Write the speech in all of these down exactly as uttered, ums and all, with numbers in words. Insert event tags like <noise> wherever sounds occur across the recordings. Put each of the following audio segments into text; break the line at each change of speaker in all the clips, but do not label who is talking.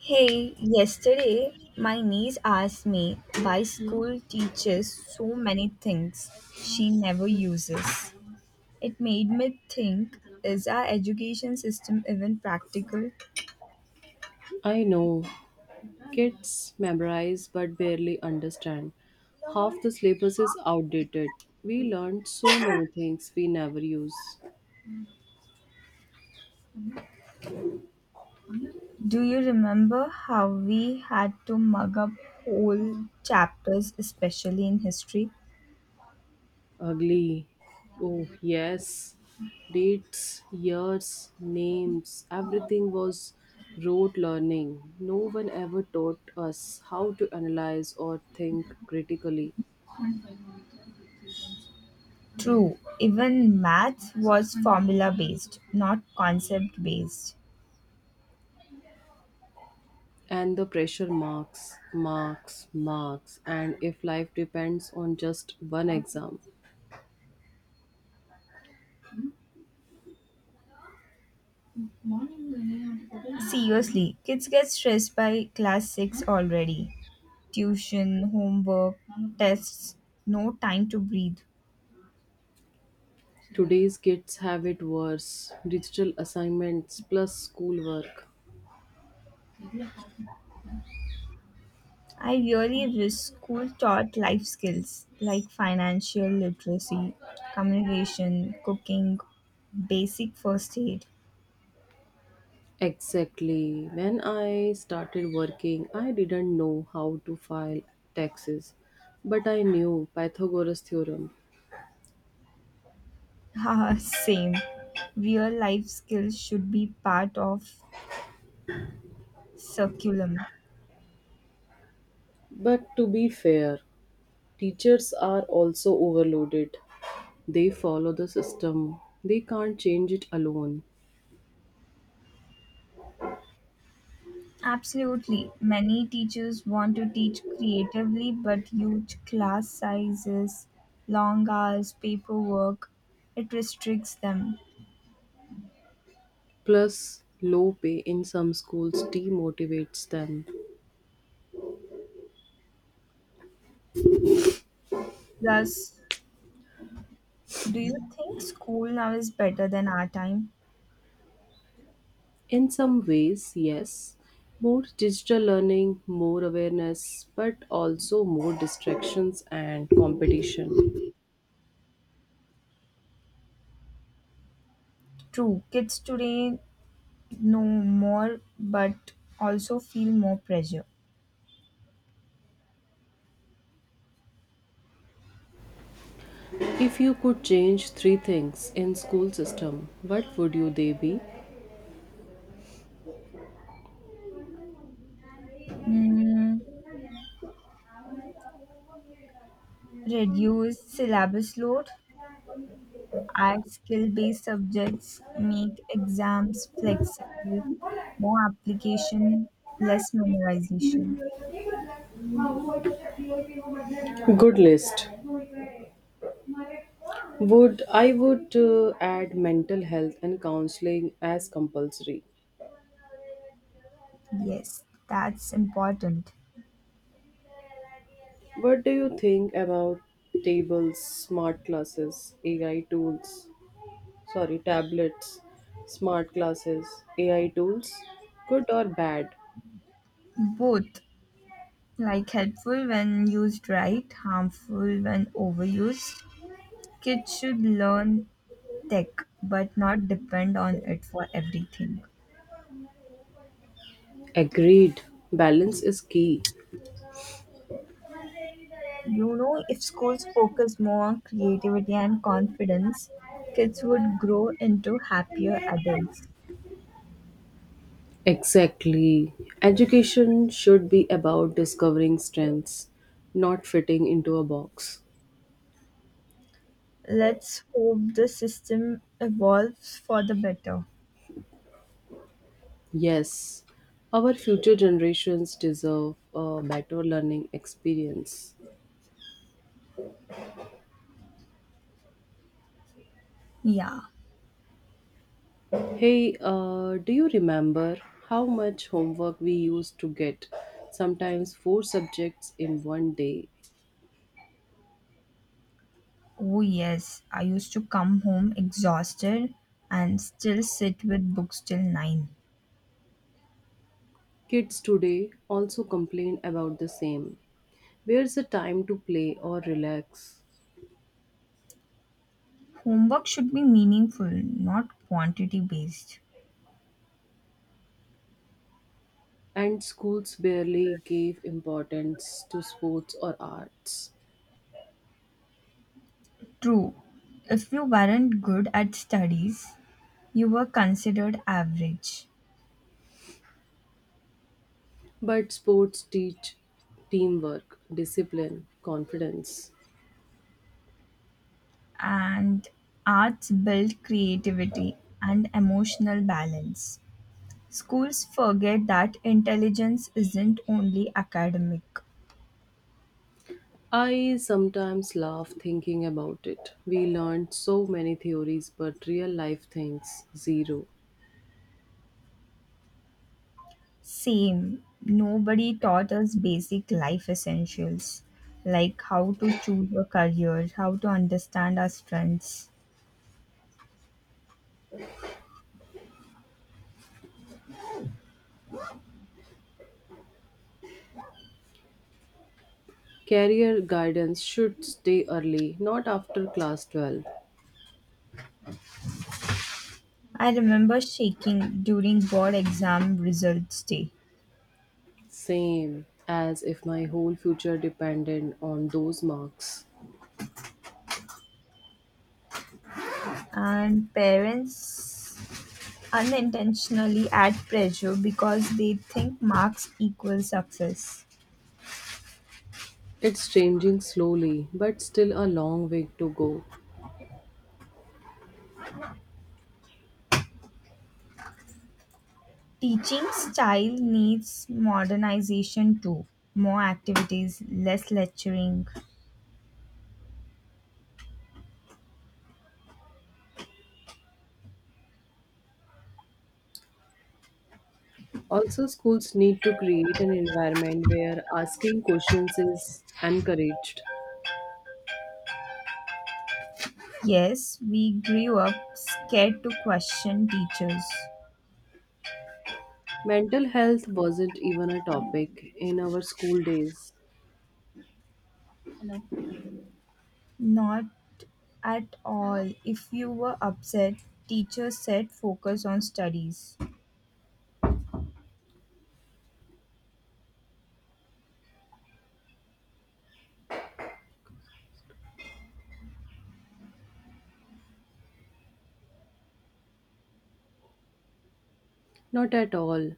Hey, yesterday my niece asked me why school teaches so many things she never uses. It made me think, is our education system even practical?
I know. Kids memorize but barely understand. Half the syllabus is outdated. We learned so many things we never use.
Do you remember how we had to mug up whole chapters, especially in history?
Ugly. Oh, yes. Dates, years, names, everything was rote learning. No one ever taught us how to analyze or think critically.
True, even math was formula based, not concept based.
And the pressure marks, marks, marks. And if life depends on just one exam,
Seriously, kids get stressed by class six already. Tuition, homework, tests, no time to breathe.
today's kids have it worse. Digital assignments plus schoolwork.
I really wish school taught life skills like financial literacy, communication, cooking, basic first aid.
Exactly. When I started working, I didn't know how to file taxes, but I knew Pythagoras theorem.
<laughs> Haha, same. Real life skills should be part of curriculum.
But to be fair, teachers are also overloaded. They follow the system. They can't change it alone.
Absolutely. Many teachers want to teach creatively, but huge class sizes, long hours, paperwork, it restricts them.
Plus, low pay in some schools demotivates them.
Plus, do you think school now is better than our time?
In some ways, yes. More digital learning, more awareness, but also more distractions and competition.
True, kids today know more but also feel more pressure.
If you could change three things in school system, what would you they be?
Mm, reduce syllabus load, our skill based subjects make exams flexible, more application, less memorization.
Good list. Would I would uh, add mental health and counseling as compulsory.
Yes, that's important.
What do you think about tables, smart classes, A I tools? Sorry, tablets, smart classes, A I tools, good or bad?
Both, like helpful when used right, harmful when overused. Kids should learn tech but not depend on it for everything.
Agreed. Balance is key.
You know, if schools focus more on creativity and confidence, kids would grow into happier adults.
Exactly. Education should be about discovering strengths, not fitting into a box.
Let's hope the system evolves for the better.
Yes, our future generations deserve a better learning experience.
Yeah.
Hey, uh, do you remember how much homework we used to get? Sometimes four subjects in one day.
Oh, yes. I used to come home exhausted and still sit with books till nine.
Kids today also complain about the same. Where's the time to play or relax?
Homework should be meaningful, not quantity based.
And schools barely gave importance to sports or arts.
True. If you weren't good at studies, you were considered average.
But sports teach teamwork, discipline, confidence.
And arts build creativity and emotional balance. Schools forget that intelligence isn't only academic.
I sometimes laugh thinking about it. We learned so many theories, but real life things zero.
Same, nobody taught us basic life essentials like how to choose a career, how to understand our strengths.
Career guidance should stay early, not after class twelve.
I remember shaking during board exam results day,
Same, as if my whole future depended on those marks.
and parents unintentionally add pressure because they think marks equal success.
It's changing slowly, but still a long way to go.
Teaching style needs modernization too. More activities, less lecturing.
Also, schools need to create an environment where asking questions is encouraged.
Yes, we grew up scared to question teachers.
Mental health wasn't even a topic in our school days.
Not at all. If you were upset, teachers said focus on studies.
Not at all.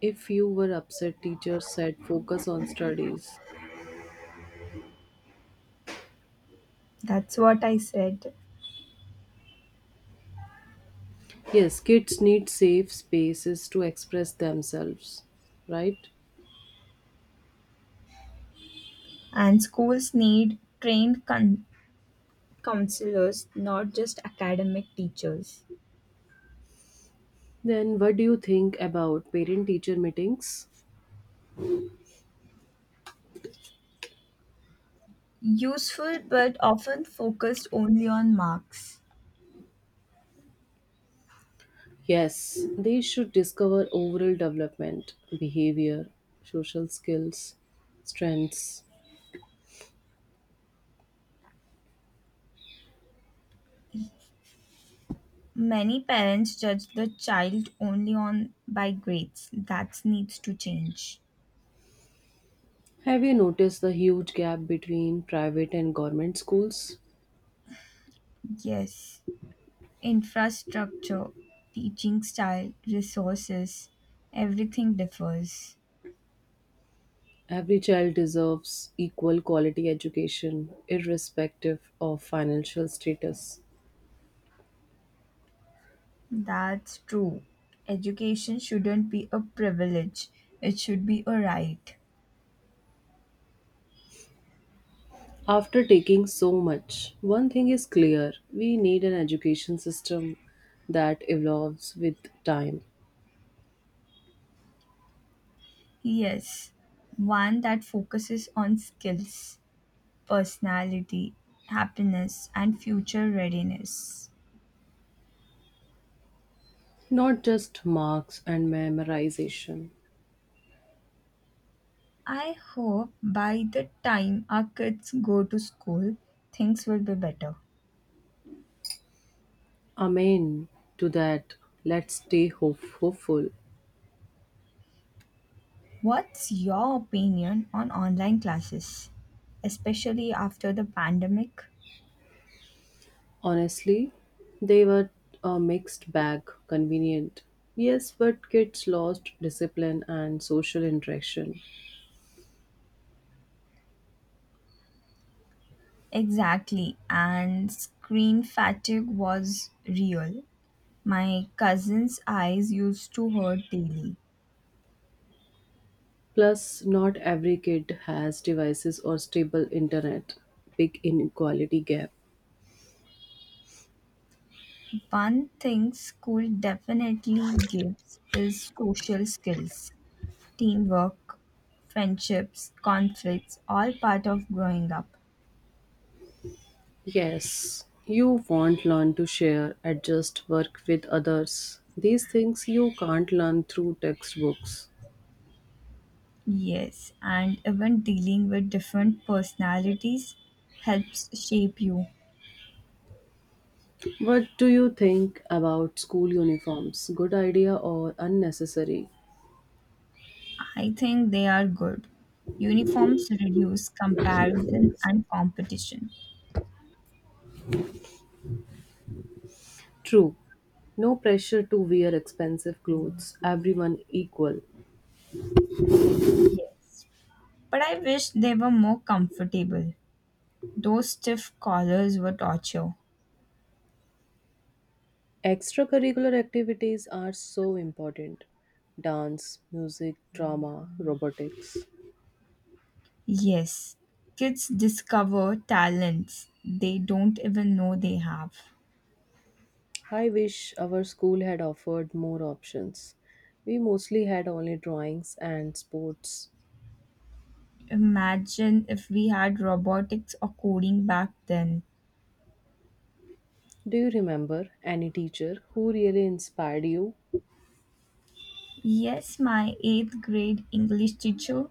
If you were upset, teachers said focus on studies.
That's what I said.
Yes, kids need safe spaces to express themselves, right?
And schools need trained con- counselors, not just academic teachers.
Then, what do you think about parent teacher meetings?
Useful but often focused only on marks.
Yes, they should discover overall development, behavior, social skills, strengths.
Many parents judge the child only on by grades. That needs to change.
Have you noticed the huge gap between private and government schools?
Yes, infrastructure, teaching style, resources, everything differs.
Every child deserves equal quality education, irrespective of financial status.
That's true. Education shouldn't be a privilege. It should be a right.
After taking so much, one thing is clear we need an education system that evolves with time.
Yes, one that focuses on skills, personality, happiness and future readiness.
Not just marks and memorization.
I hope by the time our kids go to school, things will be better.
Amen to that. Let's stay hope- hopeful.
What's your opinion on online classes, especially after the pandemic?
Honestly, they were a mixed bag, convenient. Yes, but kids lost discipline and social interaction.
Exactly, and screen fatigue was real. My cousin's eyes used to hurt daily.
Plus, not every kid has devices or stable internet. Big inequality gap.
One thing school definitely gives is social skills, teamwork, friendships, conflicts, all part of growing up.
Yes, you won't learn to share, adjust, work with others. These things you can't learn through textbooks.
Yes, and even dealing with different personalities helps shape you.
What do you think about school uniforms? Good idea or unnecessary?
I think they are good. Uniforms reduce comparison and competition.
True. No pressure to wear expensive clothes, everyone equal.
Yes, but I wish they were more comfortable. Those stiff collars were torture.
Extracurricular activities are so important dance, music, drama, robotics.
Yes, kids discover talents they don't even know they have.
I wish our school had offered more options. We mostly had only drawings and sports.
Imagine if we had robotics or coding back then.
Do you remember any teacher who really inspired you?
Yes, my eighth grade English teacher,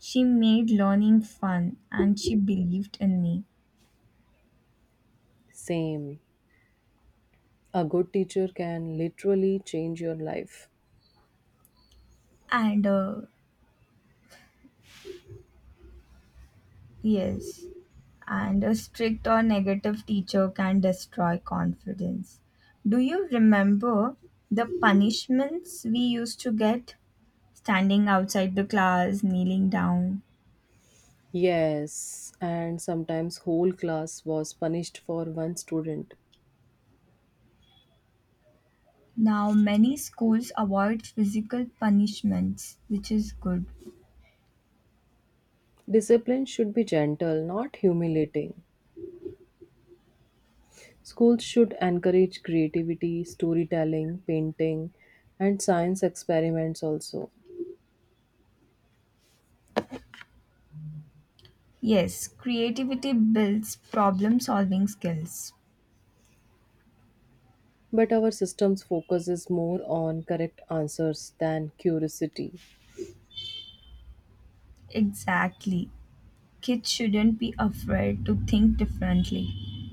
she made learning fun and she believed in me.
Same. A good teacher can literally change your life.
And uh, yes, and a strict or negative teacher can destroy confidence. Do you remember the punishments we used to get? Standing outside the class, kneeling down.
Yes, and sometimes whole class was punished for one student.
Now, many schools avoid physical punishments, which is good.
Discipline should be gentle, not humiliating. Schools should encourage creativity, storytelling, painting, and science experiments also.
Yes, creativity builds problem solving skills.
But our system's focus is more on correct answers than curiosity.
Exactly. Kids shouldn't be afraid to think differently.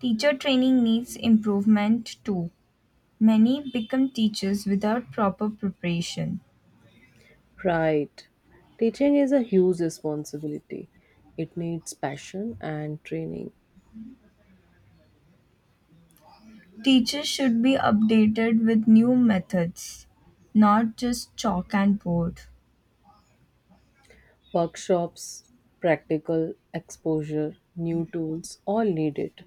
Teacher training needs improvement too. Many become teachers without proper preparation.
Right. Teaching is a huge responsibility. It needs passion and training.
Teachers should be updated with new methods, not just chalk and board.
Workshops, practical exposure, new tools, all need it.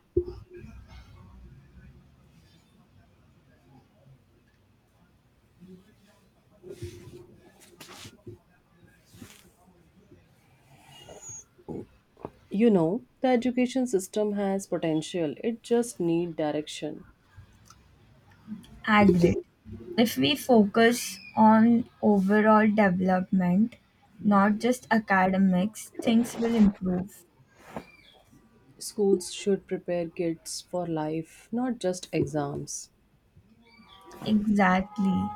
You know, the education system has potential, it just need direction.
Agreed. If we focus on overall development, not just academics, things will improve.
Schools should prepare kids for life, not just exams.
Exactly.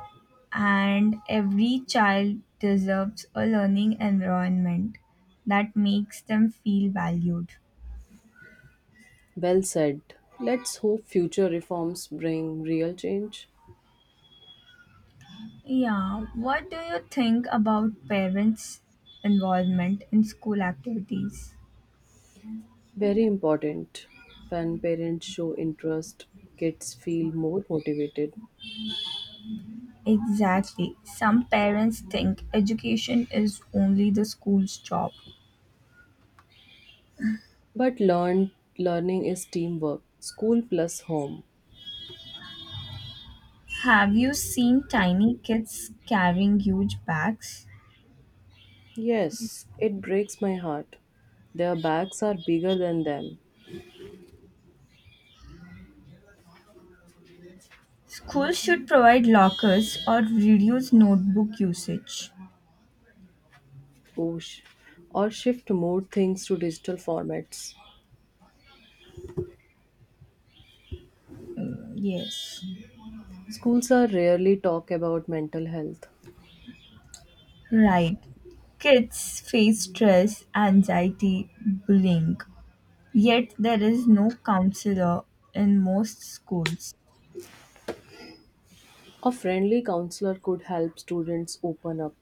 And every child deserves a learning environment that makes them feel valued.
Well said. Let's hope future reforms bring real change.
Yeah, what do you think about parents' involvement in school activities?
Very important. When parents show interest, kids feel more motivated.
Exactly. Some parents think education is only the school's job.
But learn learning is teamwork, school plus home.
Have you seen tiny kids carrying huge bags?
Yes, it breaks my heart. Their bags are bigger than them.
Schools should provide lockers or reduce notebook usage.
Oh, sh- or shift more things to digital formats.
Uh, Yes,
Schools are rarely talk about mental health.
right. Kids face stress, anxiety, bullying. Yet there is no counselor in most schools.
A friendly counselor could help students open up.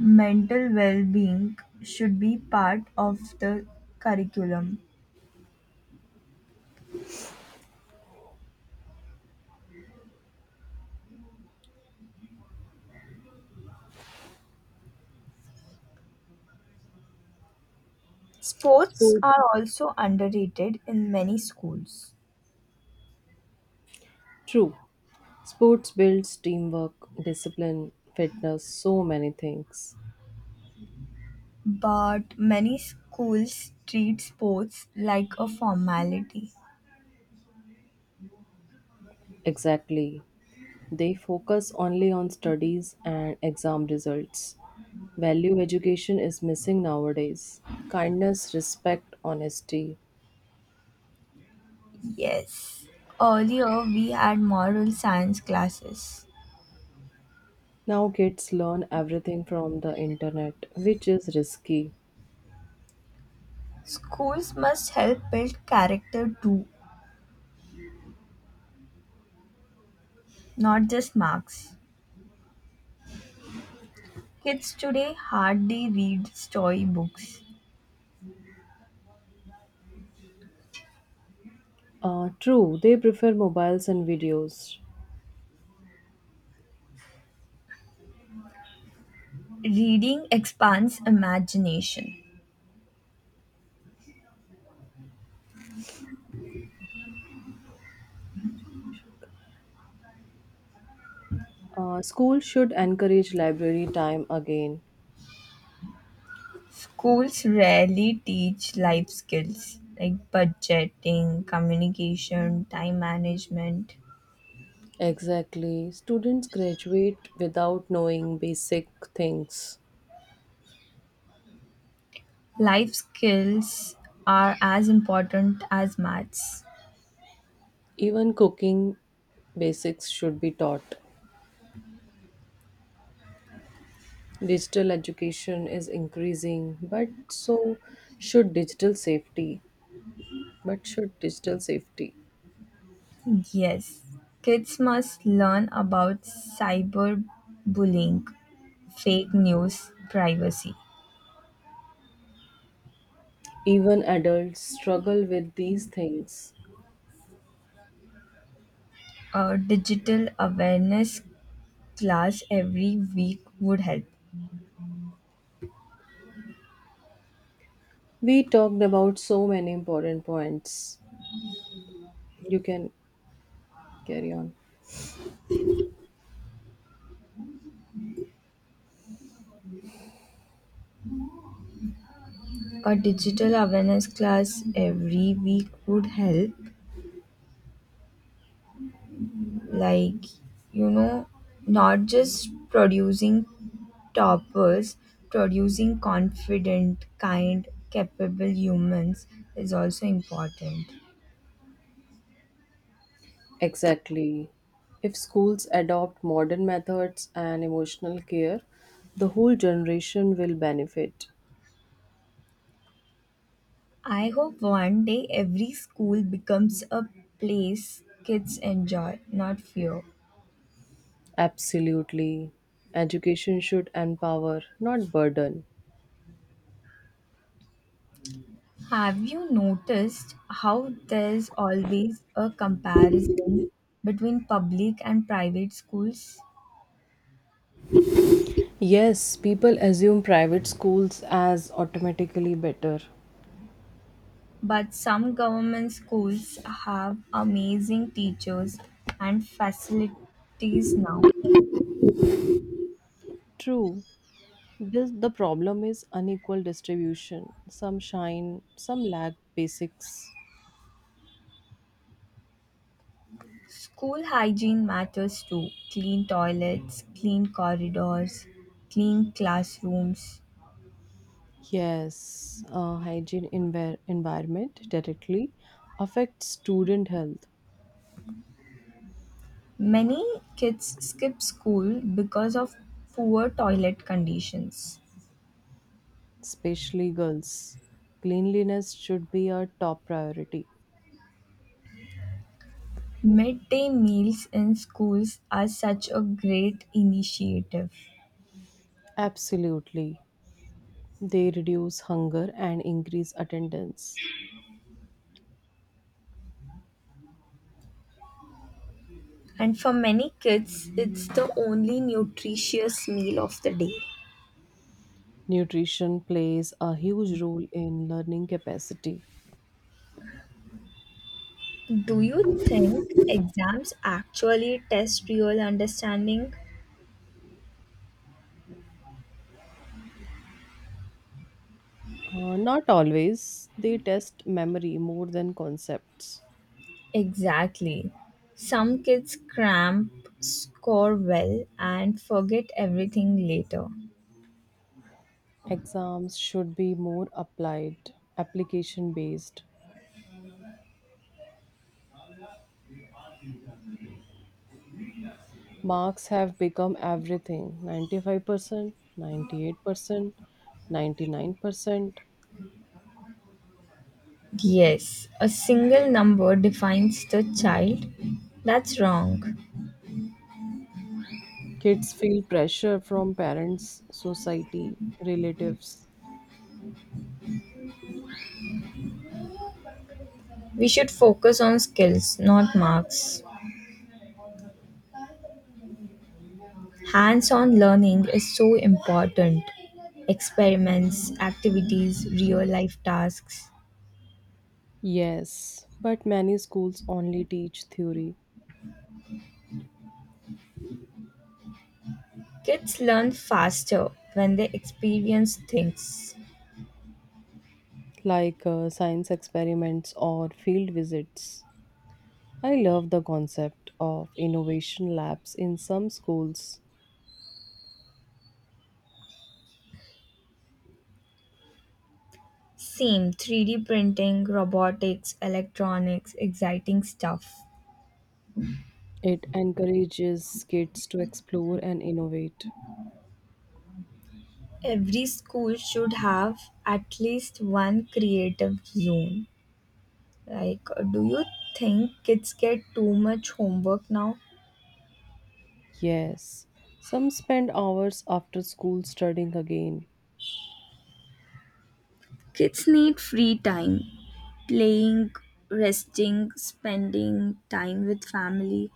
Mental well being should be part of the curriculum. Sports
Sport,
are also underrated in many schools,
true. Sports builds teamwork, discipline, fitness, so many things.
but many schools treat sports like a formality.
Exactly. They focus only on studies and exam results. Value education is missing nowadays. Kindness, respect, honesty.
Yes, earlier we had moral science classes.
Now kids learn everything from the internet, which is risky.
Schools must help build character too, not just marks. Kids today hardly read storybooks.
Uh, true, they prefer mobiles and videos.
Reading expands imagination.
Uh, school should encourage library time again.
Schools rarely teach life skills like budgeting, communication, time management.
Exactly. Students graduate without knowing basic things.
Life skills are as important as maths.
Even cooking basics should be taught. Digital education is increasing, but so should digital safety. But should digital safety?
Yes, kids must learn about cyberbullying, fake news, privacy.
Even adults struggle with these things.
A digital awareness class every week would help.
We talked about so many important points. You can carry on.
A digital awareness class every week would help. Like, you know, not just producing toppers, producing confident, kind, capable humans is also important.
Exactly. If schools adopt modern methods and emotional care, the whole generation will benefit.
I hope one day every school becomes a place kids enjoy, not fear.
Absolutely. Education should empower, not burden.
Have you noticed how there's always a comparison between public and private schools?
Yes, people assume private schools as automatically better.
But some government schools have amazing teachers and facilities now.
True, this the problem is unequal distribution. Some shine, some lack basics.
School hygiene matters too, clean toilets, clean corridors, clean classrooms.
Yes, uh, hygiene envir- environment directly affects student health,
Many kids skip school because of poor toilet conditions.
especially girls. Cleanliness should be a top priority.
Midday meals in schools are such a great initiative.
Absolutely. They reduce hunger and increase attendance.
And for many kids, it's the only nutritious meal of the day.
Nutrition plays a huge role in learning capacity.
Do you think exams actually test real understanding?
Uh, not always. They test memory more than concepts.
Exactly. Some kids cramp, score well, and forget everything later.
Exams should be more applied, application based. Marks have become everything ninety-five percent, ninety-eight percent, ninety-nine percent.
Yes, a single number defines the child. That's wrong.
Kids feel pressure from parents, society, relatives.
We should focus on skills, not marks. Hands on learning is so important. Experiments, activities, real life tasks.
Yes, but many schools only teach theory,
Kids learn faster when they experience things.
like uh, science experiments or field visits. I love the concept of innovation labs in some schools.
Same, three D printing, robotics, electronics, exciting stuff.
It encourages kids to explore and innovate.
Every school should have at least one creative zone. Like, uh, do you think kids get too much homework now?
Yes, some spend hours after school studying again.
Kids need free time, playing, resting, spending time with family.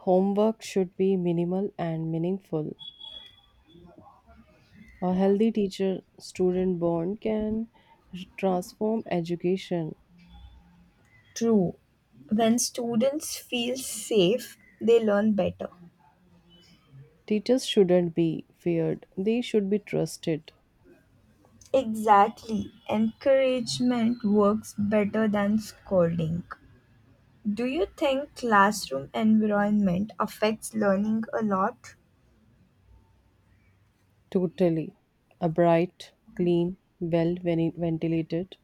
Homework should be minimal and meaningful. A healthy teacher student bond can transform education.
True. When students feel safe, they learn better.
Teachers shouldn't be feared, they should be trusted
Exactly. Encouragement works better than scolding. Do you think classroom environment affects learning a lot?
totally. A bright, clean, well veni- ventilated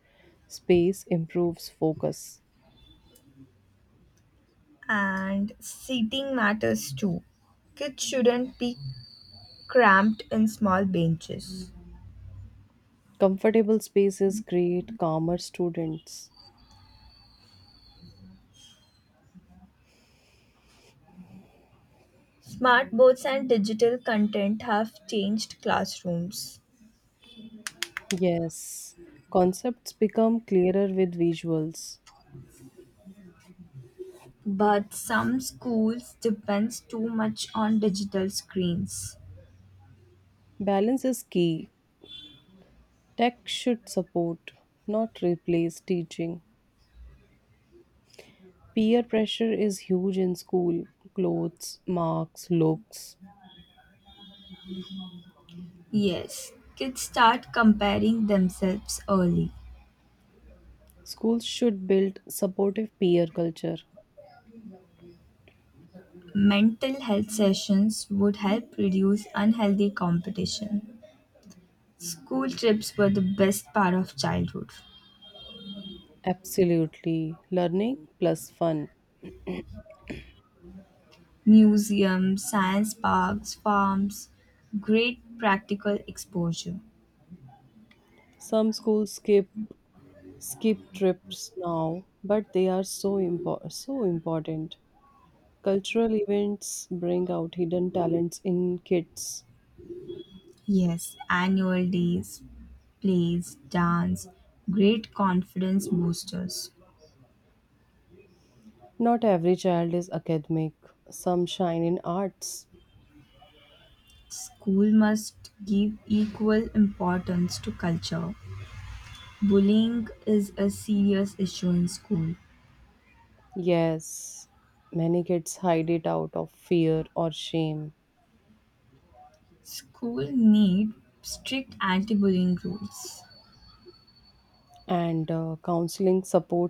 space improves focus.
And seating matters too. Kids shouldn't be cramped in small benches.
Comfortable spaces create calmer students.
Smartboards and digital content have changed classrooms,
Yes, concepts become clearer with visuals.
but some schools depends too much on digital screens.
Balance is key. Tech should support, not replace teaching. Peer pressure is huge in school clothes, marks, looks.
Yes, kids start comparing themselves early.
Schools should build supportive peer culture.
Mental health sessions would help reduce unhealthy competition. School trips were the best part of childhood.
Absolutely. Learning plus fun.
Museums, science parks, farms, great practical exposure.
Some schools skip skip trips now, but they are so impor- so important. Cultural events bring out hidden talents in kids.
Yes, annual days, plays, dance, great confidence boosters.
Not every child is academic, some shine in arts.
School must give equal importance to culture. Bullying is a serious issue in school.
Yes, many kids hide it out of fear or shame.
School need strict anti-bullying rules.
And uh, counseling supports